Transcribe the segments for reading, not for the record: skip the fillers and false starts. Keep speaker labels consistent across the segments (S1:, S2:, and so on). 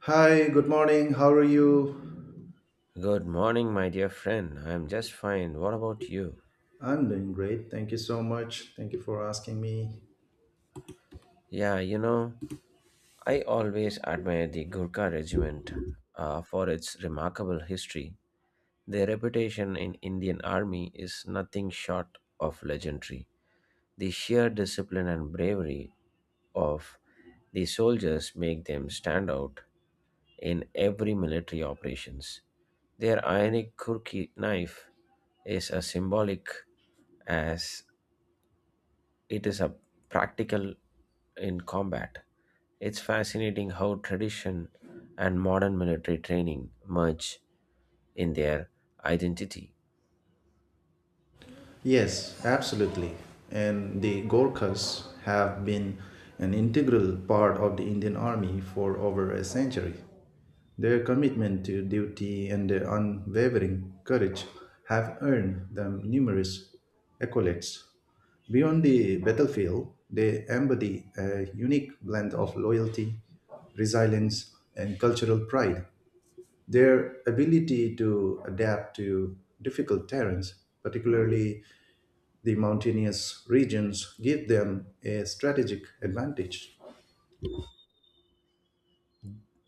S1: Hi, good morning. How are you?
S2: Good morning, my dear friend. I'm just fine. What about you?
S1: I'm doing great. Thank you so much. Thank you for asking me.
S2: Yeah, you know, I always admire the Gurkha regiment for its remarkable history. Their reputation in Indian army is nothing short of legendary. The sheer discipline and bravery of the soldiers make them stand out in every military operations. Their ionic Gurkha knife is as symbolic as it is a practical in combat. It's fascinating how tradition and modern military training merge in their identity.
S1: Yes, absolutely. And the Gorkhas have been an integral part of the Indian Army for over a century. Their commitment to duty and their unwavering courage have earned them numerous accolades. Beyond the battlefield, they embody a unique blend of loyalty, resilience, and cultural pride. Their ability to adapt to difficult terrains, particularly the mountainous regions, give them a strategic advantage.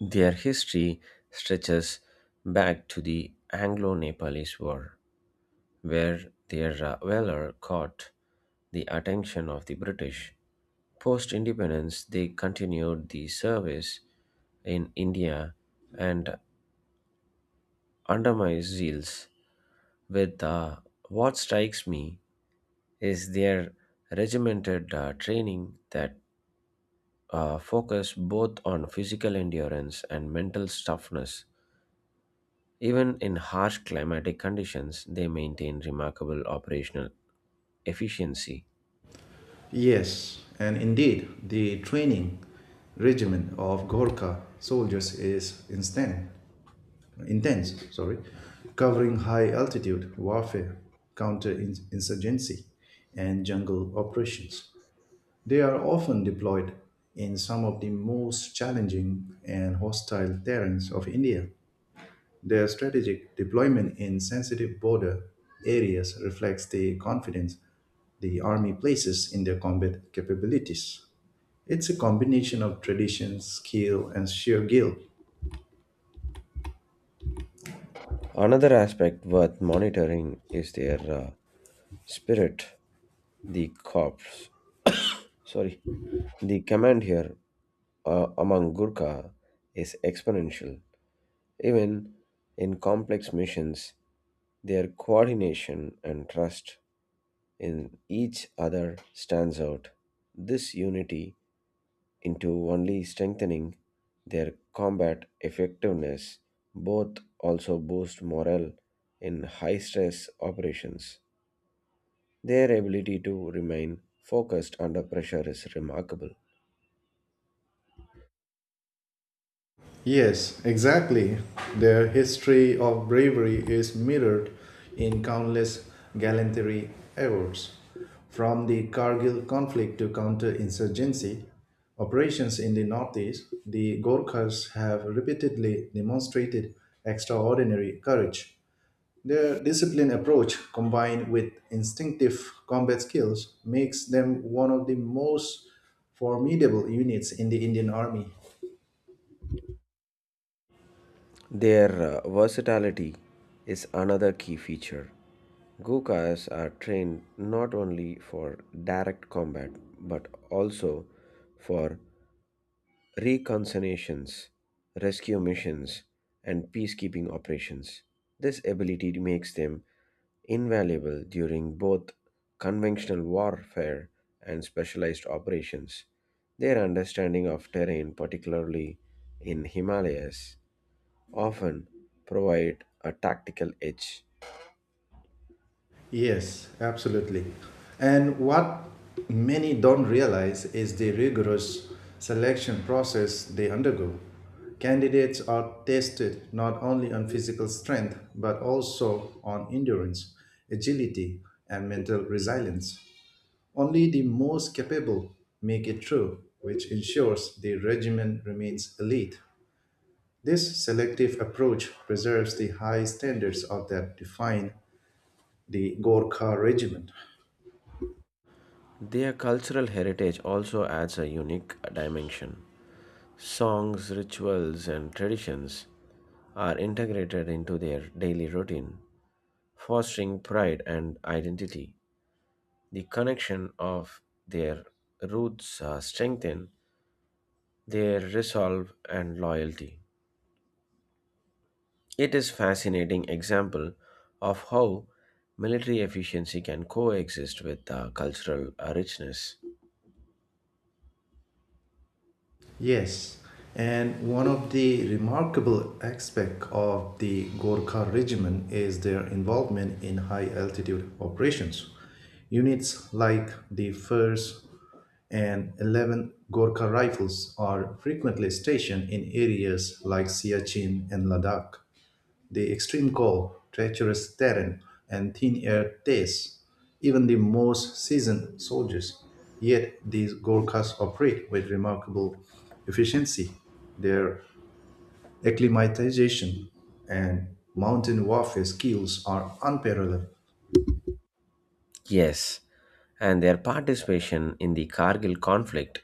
S2: Their history stretches back to the Anglo Nepalese War, where their valor caught the attention of the British. Post independence, they continued the service in India and under my zeals with what strikes me is their regimented training that focus both on physical endurance and mental toughness. Even in harsh climatic conditions, they maintain remarkable operational efficiency.
S1: Yes, and indeed, the training regimen of Gorkha soldiers is instant, intense, sorry, covering high altitude warfare, counter insurgency, and jungle operations. They are often deployed in some of the most challenging and hostile terrains of India. Their strategic deployment in sensitive border areas reflects the confidence the army places in their combat capabilities. It's a combination of tradition, skill, and sheer guilt.
S2: Another aspect worth monitoring is their spirit, the corps. Sorry, the command here among Gurkha is exponential. Even in complex missions, their coordination and trust in each other stands out. This unity into only strengthening their combat effectiveness, both also boost morale in high stress operations. Their ability to remain focused under pressure is remarkable.
S1: Yes, exactly. Their history of bravery is mirrored in countless gallantry efforts, from the Kargil conflict to counterinsurgency operations in the Northeast. The Gorkhas have repeatedly demonstrated extraordinary courage. Their disciplined approach, combined with instinctive combat skills, makes them one of the most formidable units in the Indian Army.
S2: Their versatility is another key feature. Gurkhas are trained not only for direct combat but also for reconnaissance, rescue missions, and peacekeeping operations. This ability makes them invaluable during both conventional warfare and specialized operations. Their understanding of terrain, particularly in Himalayas, often provide a tactical edge.
S1: Yes, absolutely. And what many don't realize is the rigorous selection process they undergo. Candidates are tested not only on physical strength, but also on endurance, agility, and mental resilience. Only the most capable make it through, which ensures the regiment remains elite. This selective approach preserves the high standards of that define the Gorkha regiment.
S2: Their cultural heritage also adds a unique dimension. Songs, rituals, and traditions are integrated into their daily routine, fostering pride and identity. The connection of their roots strengthen their resolve and loyalty. It is fascinating example of how military efficiency can coexist with cultural richness.
S1: Yes, and one of the remarkable aspects of the Gorkha regiment is their involvement in high altitude operations. Units like the 1st and 11th Gorkha Rifles are frequently stationed in areas like Siachen and Ladakh. The extreme cold, treacherous terrain, and thin air taste even the most seasoned soldiers. Yet these Gorkhas operate with remarkable efficiency. Their acclimatization and mountain warfare skills are unparalleled.
S2: Yes, and their participation in the Kargil conflict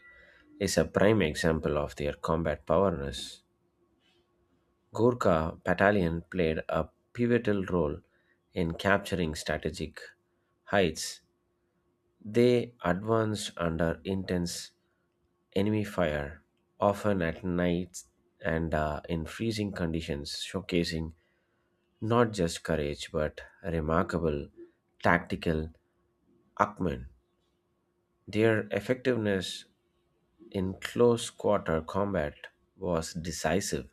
S2: is a prime example of their combat powerness. Gurkha battalion played a pivotal role in capturing strategic heights. They advanced under intense enemy fire, often at night and in freezing conditions, showcasing not just courage but remarkable tactical acumen. Their effectiveness in close quarter combat was decisive,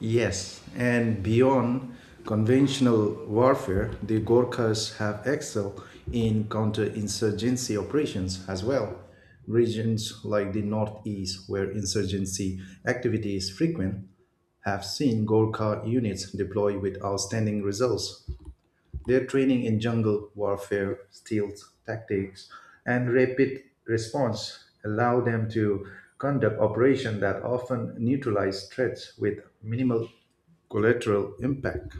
S1: Yes, and beyond conventional warfare, the Gorkhas have excelled in counterinsurgency operations as well. Regions like the Northeast, where insurgency activity is frequent, have seen Gorkha units deploy with outstanding results. Their training in jungle warfare, stealth tactics, and rapid response allow them to conduct operations that often neutralize threats with minimal collateral impact.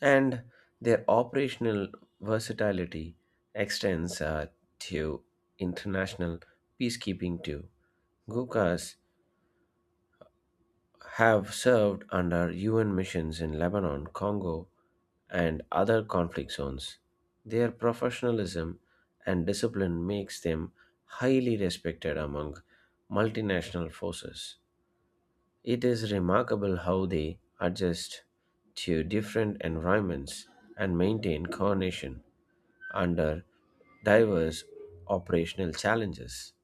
S2: and their operational versatility extends to international peacekeeping too. Gurkhas have served under UN missions in Lebanon, Congo, and other conflict zones. Their professionalism and discipline makes them highly respected among multinational forces. It is remarkable how they adjust to different environments and maintain coordination under diverse operational challenges.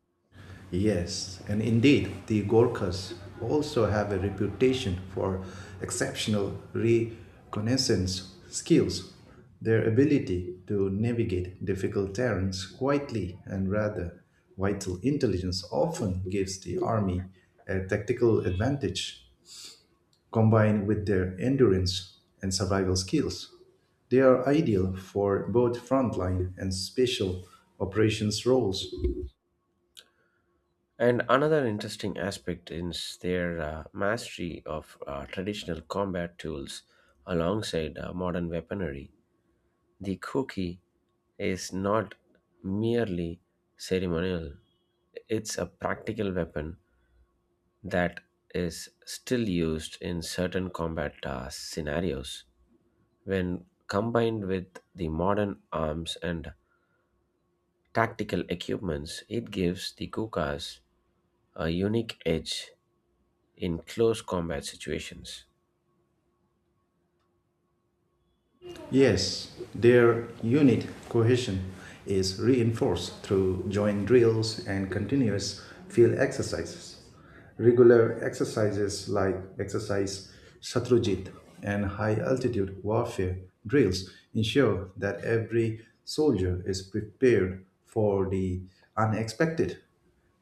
S1: Yes, and indeed, the Gorkhas also have a reputation for exceptional reconnaissance skills. Their ability to navigate difficult terrains quietly and rather vital intelligence often gives the army a tactical advantage combined with their endurance and survival skills. They are ideal for both frontline and special operations roles.
S2: And another interesting aspect is their mastery of traditional combat tools alongside modern weaponry. The cookie is not merely ceremonial, it's a practical weapon that is still used in certain combat task scenarios. When combined with the modern arms and tactical equipments, it gives the Kukas a unique edge in close combat situations.
S1: Yes, their unit cohesion is reinforced through joint drills and continuous field exercises. Regular exercises like exercise Shatrujit and high altitude warfare drills ensure that every soldier is prepared for the unexpected.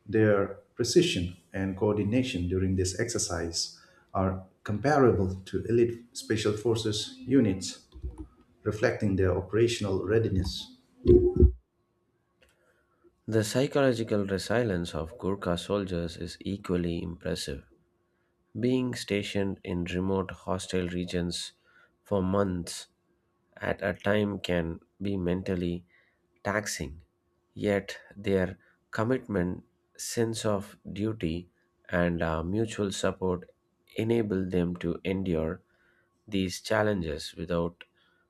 S1: Their precision and coordination during this exercise are comparable to elite special forces units reflecting their operational readiness.
S2: The psychological resilience of Gurkha soldiers is equally impressive. Being stationed in remote, hostile regions for months at a time can be mentally taxing, yet, their commitment, sense of duty, and mutual support enable them to endure these challenges without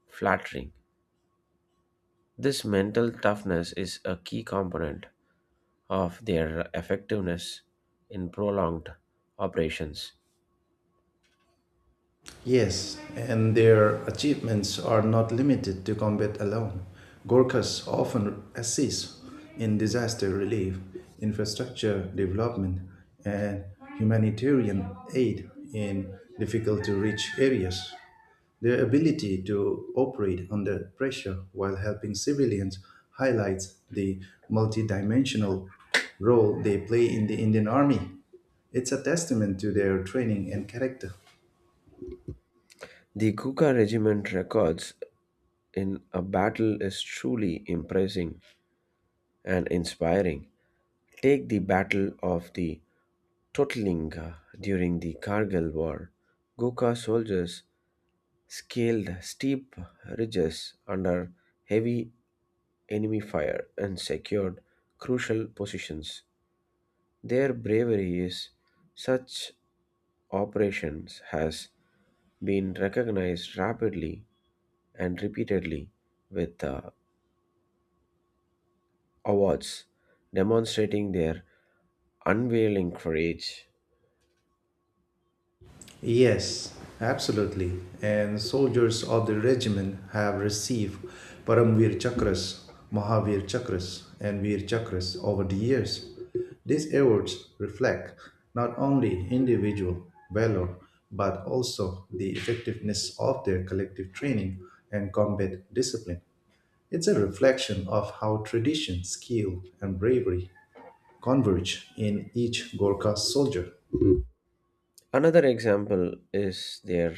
S2: flattering. This mental toughness is a key component of their effectiveness in prolonged operations.
S1: Yes, and their achievements are not limited to combat alone. Gorkhas often assist in disaster relief, infrastructure development, and humanitarian aid in difficult to reach areas. Their ability to operate under pressure while helping civilians highlights the multidimensional role they play in the Indian Army. It's a testament to their training and character.
S2: The Gukha regiment records in a battle is truly impressive and inspiring. Take the Battle of the Totlinga during the Kargil War. Gukha soldiers scaled steep ridges under heavy enemy fire and secured crucial positions. Their bravery is such operations has been recognized rapidly and repeatedly with awards, demonstrating their unveiling courage.
S1: Yes, absolutely. And soldiers of the regiment have received Paramvir Chakras, Mahavir Chakras, and Vir Chakras over the years. These awards reflect not only individual valor but also the effectiveness of their collective training and combat discipline. It's a reflection of how tradition, skill, and bravery converge in each Gorkha soldier.
S2: Another example is their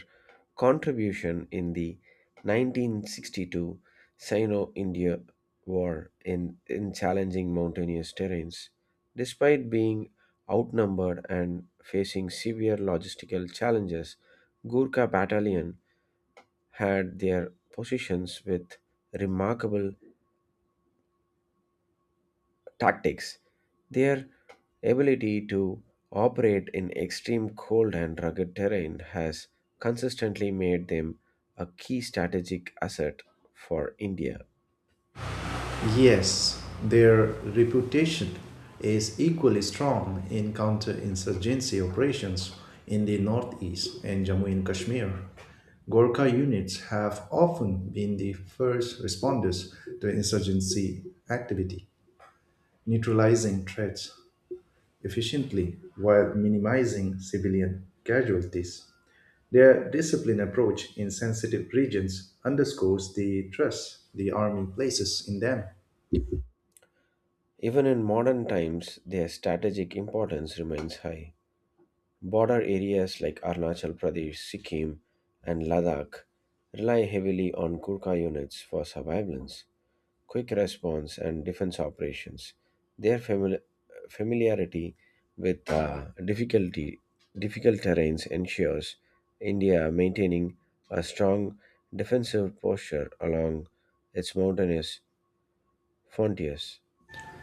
S2: contribution in the 1962 Sino India War in challenging mountainous terrains. Despite being outnumbered and facing severe logistical challenges, Gurkha Battalion had their positions with remarkable tactics. Their ability to operate in extreme cold and rugged terrain has consistently made them a key strategic asset for India.
S1: Yes, their reputation is equally strong in counterinsurgency operations in the Northeast and Jammu and Kashmir. Gorkha units have often been the first responders to insurgency activity, neutralizing threats efficiently while minimizing civilian casualties. Their disciplined approach in sensitive regions underscores the trust the army places in them.
S2: Even in modern times, their strategic importance remains high. Border areas like Arunachal Pradesh, Sikkim, and Ladakh rely heavily on Gurkha units for surveillance quick response, and defense operations. Their familiarity with difficult terrains ensures India maintaining a strong defensive posture along its mountainous frontiers.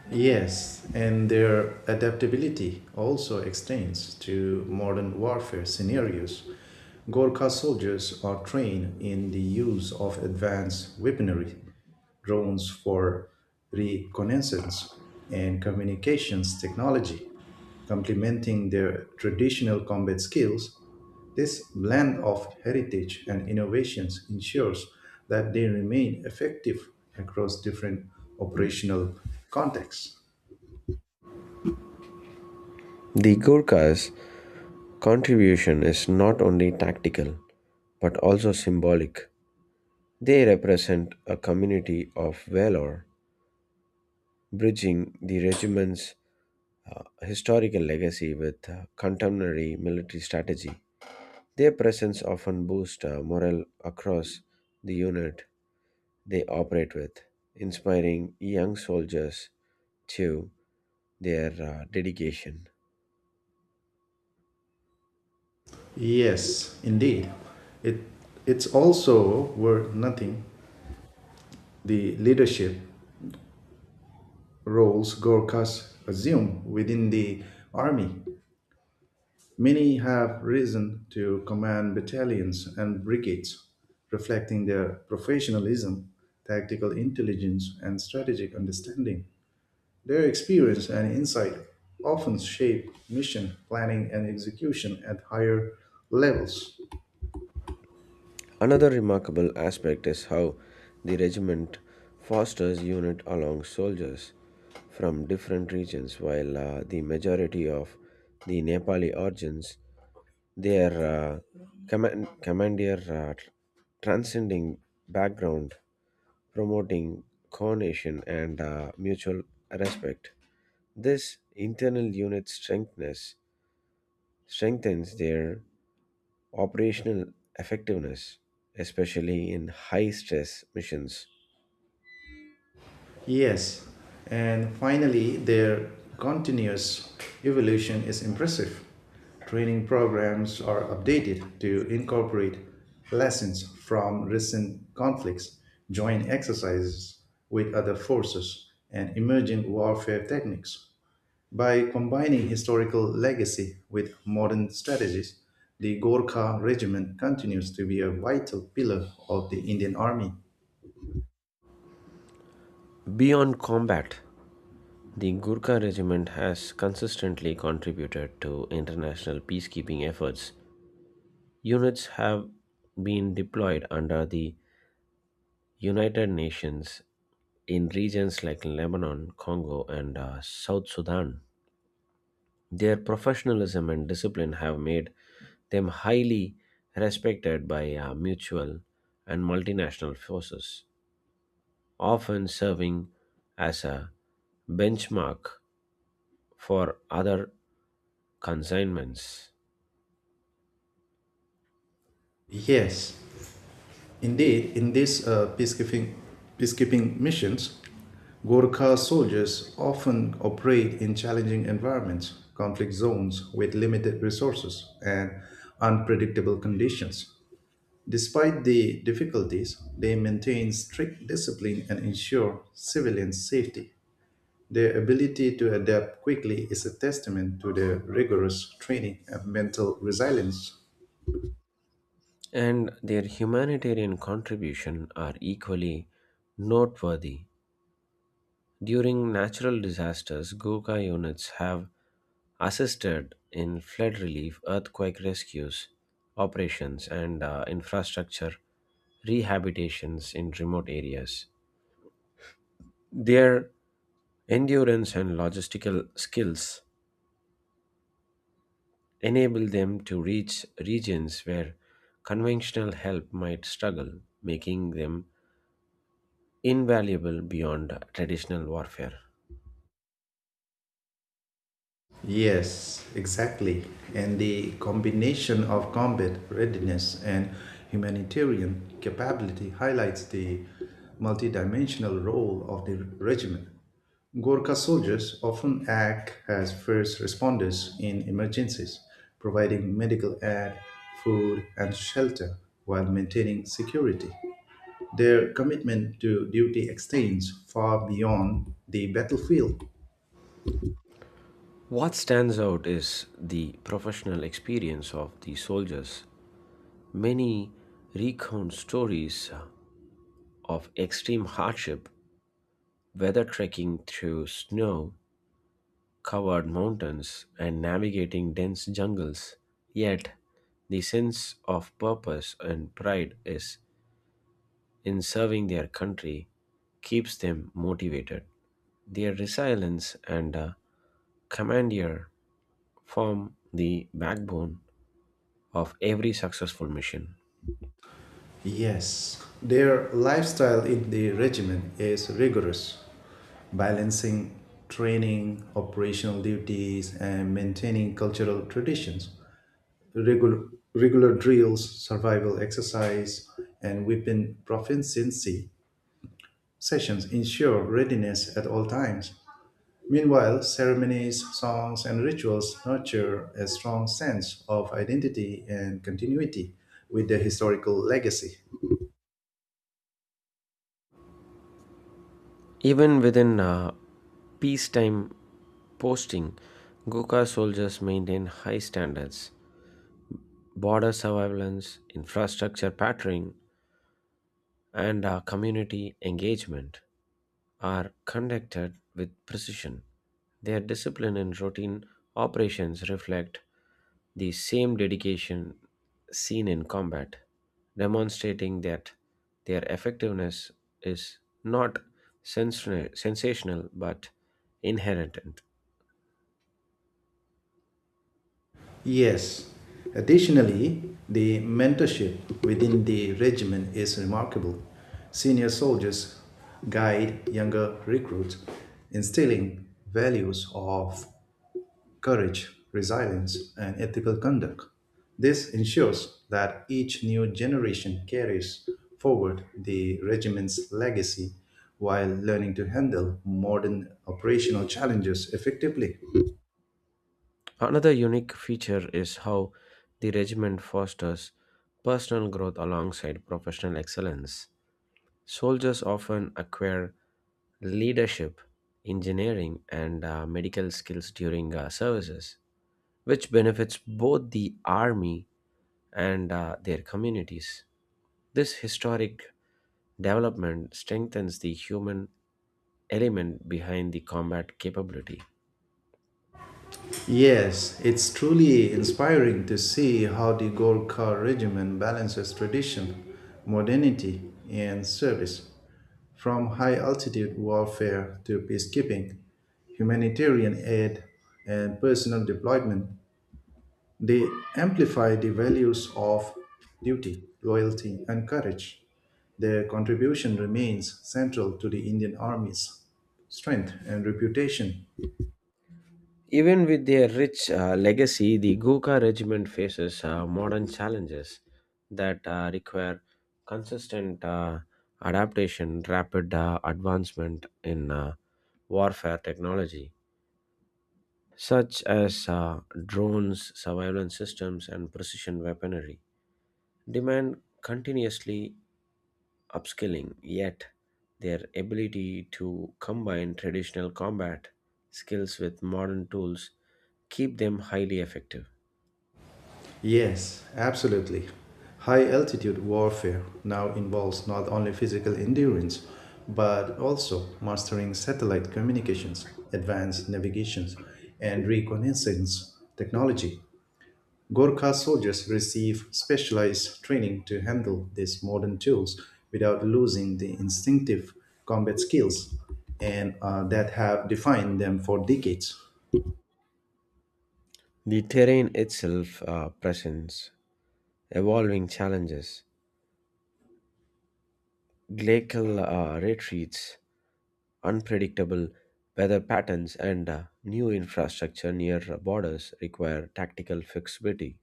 S1: Yes, and their adaptability also extends to modern warfare scenarios. Gorkha soldiers are trained in the use of advanced weaponry, drones for reconnaissance, and communications technology. Complementing their traditional combat skills, this blend of heritage and innovations ensures that they remain effective across different operational contexts.
S2: The Gurkhas' contribution is not only tactical but also symbolic. They represent a community of valor bridging the regiment's historical legacy with contemporary military strategy. Their presence often boosts morale across the unit they operate with, inspiring young soldiers to their dedication.
S1: Yes, indeed. It it's also worth noting the leadership roles Gorkhas assume within the army. Many have risen to command battalions and brigades, reflecting their professionalism, tactical intelligence, and strategic understanding. Their experience and insight often shape mission planning and execution at higher levels.
S2: Another remarkable aspect is how the regiment fosters unit along soldiers from different regions while the majority of the Nepali origins their uh, commandeer transcending background, promoting coordination and mutual respect. This internal unit strengthness strengthens their operational effectiveness, especially in high stress missions.
S1: Yes, and finally, their continuous evolution is impressive. Training programs are updated to incorporate lessons from recent conflicts, joint exercises with other forces, and emerging warfare techniques. By combining historical legacy with modern strategies, the Gorkha regiment continues to be a vital pillar of the Indian Army.
S2: Beyond combat, the Gurkha Regiment has consistently contributed to international peacekeeping efforts. Units have been deployed under the United Nations in regions like Lebanon, Congo, and South Sudan. Their professionalism and discipline have made them highly respected by mutual and multinational forces, often serving as a benchmark for other consignments.
S1: Yes, indeed, in these peacekeeping missions, Gorkha soldiers often operate in challenging environments, conflict zones with limited resources, and unpredictable conditions. Despite the difficulties, they maintain strict discipline and ensure civilian safety. Their ability to adapt quickly is a testament to their rigorous training and mental resilience.
S2: And their humanitarian contribution are equally noteworthy. During natural disasters, Gurkha units have assisted in flood relief, earthquake rescues operations, and infrastructure rehabilitations in remote areas. Their endurance and logistical skills enable them to reach regions where conventional help might struggle, making them invaluable beyond traditional warfare.
S1: Yes, exactly. And the combination of combat readiness and humanitarian capability highlights the multidimensional role of the regiment. Gorkha soldiers often act as first responders in emergencies, providing medical aid, food, and shelter while maintaining security. Their commitment to duty extends far beyond the battlefield.
S2: What stands out is the professional experience of the soldiers. Many recount stories of extreme hardship, whether trekking through snow covered mountains and navigating dense jungles. Yet, the sense of purpose and pride is in serving their country keeps them motivated. Their resilience and commandeer form the backbone of every successful mission.
S1: Yes, their lifestyle in the regiment is rigorous, balancing training, operational duties, and maintaining cultural traditions. Regular, regular drills, survival exercise, and weapon proficiency sessions ensure readiness at all times. Meanwhile, ceremonies, songs, and rituals nurture a strong sense of identity and continuity with their historical legacy.
S2: Even within peacetime posting, Gurkha soldiers maintain high standards, border surveillance, infrastructure patterning, and community engagement are conducted with precision. Their discipline and routine operations reflect the same dedication seen in combat, demonstrating that their effectiveness is not sensational but inherent.
S1: Yes. Additionally, the mentorship within the regiment is remarkable. Senior soldiers guide younger recruits, instilling values of courage, resilience, and ethical conduct. This ensures that each new generation carries forward the regiment's legacy while learning to handle modern operational challenges effectively.
S2: Another unique feature is how the regiment fosters personal growth alongside professional excellence. Soldiers often acquire leadership, engineering, and medical skills during services, which benefits both the army and their communities. This historic development strengthens the human element behind the combat capability.
S1: Yes, it's truly inspiring to see how the Golkar regiment balances tradition, modernity, and service. From high altitude warfare to peacekeeping, humanitarian aid, and personal deployment, they amplify the values of duty, loyalty, and courage. Their contribution remains central to the Indian Army's strength and reputation.
S2: Even with their rich legacy, the Gurkha regiment faces modern challenges that require consistent adaptation, rapid advancement in warfare technology, such as drones, surveillance systems, and precision weaponry, demand continuously upskilling, yet their ability to combine traditional combat skills with modern tools keep them highly effective.
S1: Yes, absolutely. High altitude warfare now involves not only physical endurance, but also mastering satellite communications, advanced navigations, and reconnaissance technology. Gorkha soldiers receive specialized training to handle these modern tools without losing the instinctive combat skills and that have defined them for decades.
S2: The terrain itself presents evolving challenges, glacial retreats, unpredictable weather patterns, and new infrastructure near borders require tactical flexibility.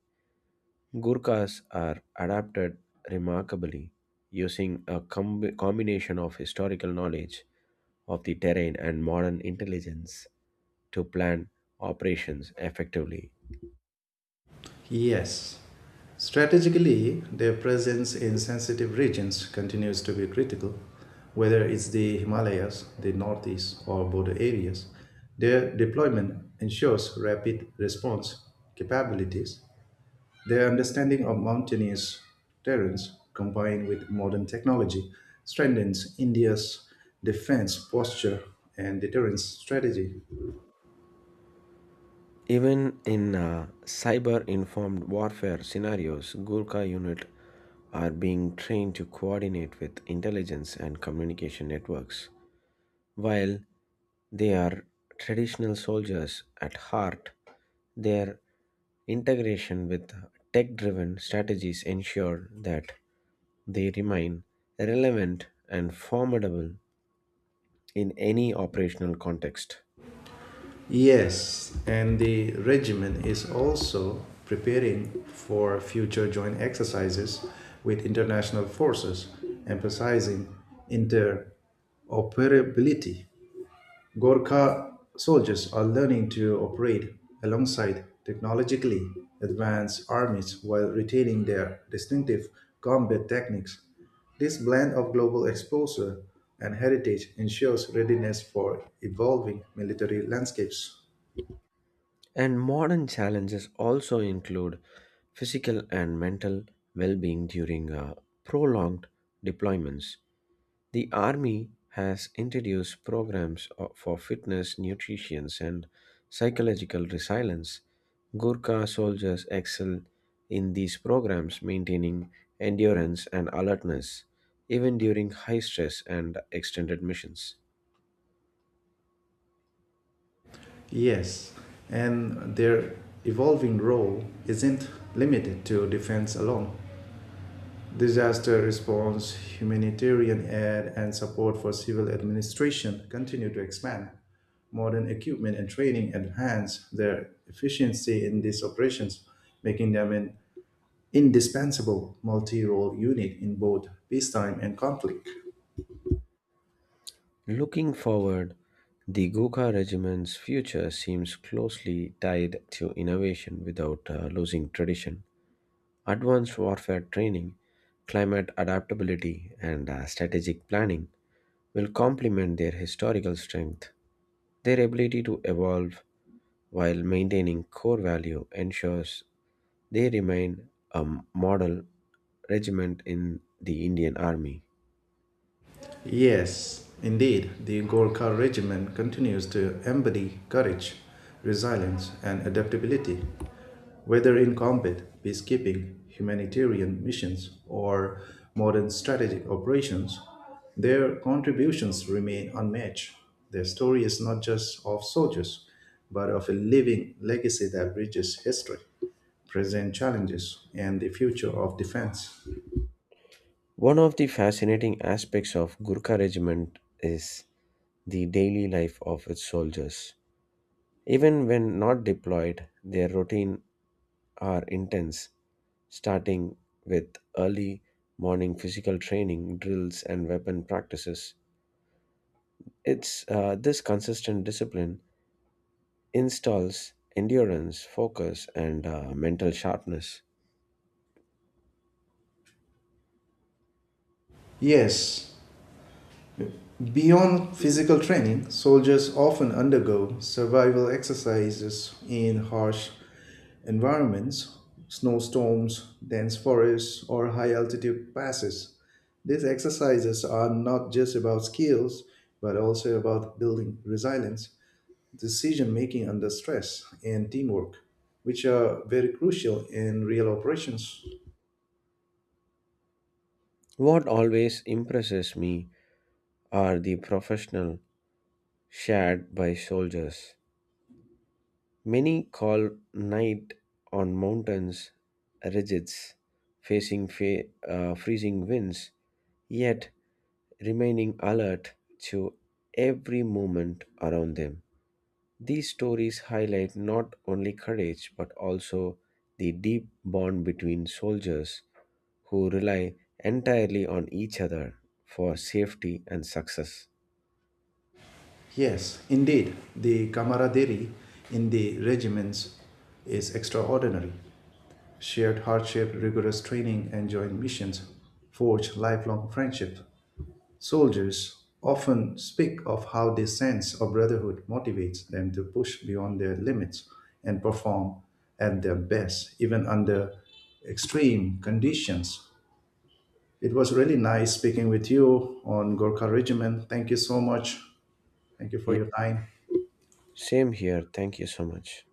S2: Gurkhas are adapted remarkably using a combination of historical knowledge of the terrain and modern intelligence to plan operations effectively.
S1: Yes. Strategically, their presence in sensitive regions continues to be critical, whether it's the Himalayas, the Northeast, or border areas. Their deployment ensures rapid response capabilities. Their understanding of mountainous terrains, combined with modern technology, strengthens India's defense posture and deterrence strategy.
S2: Even in cyber informed warfare scenarios, Gurkha unit are being trained to coordinate with intelligence and communication networks. While they are traditional soldiers at heart, their integration with tech driven strategies ensure that they remain relevant and formidable in any operational context.
S1: Yes, and the regiment is also preparing for future joint exercises with international forces, emphasizing interoperability. Gorkha soldiers are learning to operate alongside technologically advanced armies while retaining their distinctive combat techniques. This blend of global exposure and heritage ensures readiness for evolving military landscapes.
S2: And modern challenges also include physical and mental well being during prolonged deployments. The Army has introduced programs for fitness, nutrition, and psychological resilience. Gurkha soldiers excel in these programs, maintaining endurance and alertness, even during high stress and extended missions.
S1: Yes, and their evolving role isn't limited to defense alone. Disaster response, humanitarian aid, and support for civil administration continue to expand. Modern equipment and training enhance their efficiency in these operations, making them an indispensable multi role unit in both peacetime and conflict.
S2: Looking forward, the Gurkha regiment's future seems closely tied to innovation without losing tradition, advanced warfare training, climate adaptability, and strategic planning will complement their historical strength. Their ability to evolve while maintaining core value ensures they remain a model regiment in the Indian Army.
S1: Yes, indeed, the Golkar Regiment continues to embody courage, resilience, and adaptability, whether in combat, peacekeeping, humanitarian missions, or modern strategic operations. Their contributions remain unmatched. Their story is not just of soldiers, but of a living legacy that bridges history, present challenges, and the future of defense.
S2: One of the fascinating aspects of Gurkha regiment is the daily life of its soldiers. Even when not deployed, their routine are intense, starting with early morning physical training, drills, and weapon practices. It's this consistent discipline installs endurance, focus, and mental sharpness.
S1: Yes, beyond physical training, soldiers often undergo survival exercises in harsh environments, snowstorms, dense forests, or high altitude passes. These exercises are not just about skills, but also about building resilience, decision making under stress, and teamwork, which are very crucial in real operations.
S2: What always impresses me are the professional shared by soldiers. Many call night on mountains ridges, facing freezing winds, yet remaining alert to every movement around them. These stories highlight not only courage but also the deep bond between soldiers who rely entirely on each other for safety and success.
S1: Yes, indeed, the camaraderie in the regiments is extraordinary. Shared hardship, rigorous training, and joint missions forge lifelong friendship. Soldiers often speak of how this sense of brotherhood motivates them to push beyond their limits and perform at their best, even under extreme conditions. It was really nice speaking with you on Gorkha Regiment. Thank you so much. Thank you for
S2: Ye-
S1: your time.
S2: Same here. Thank you so much.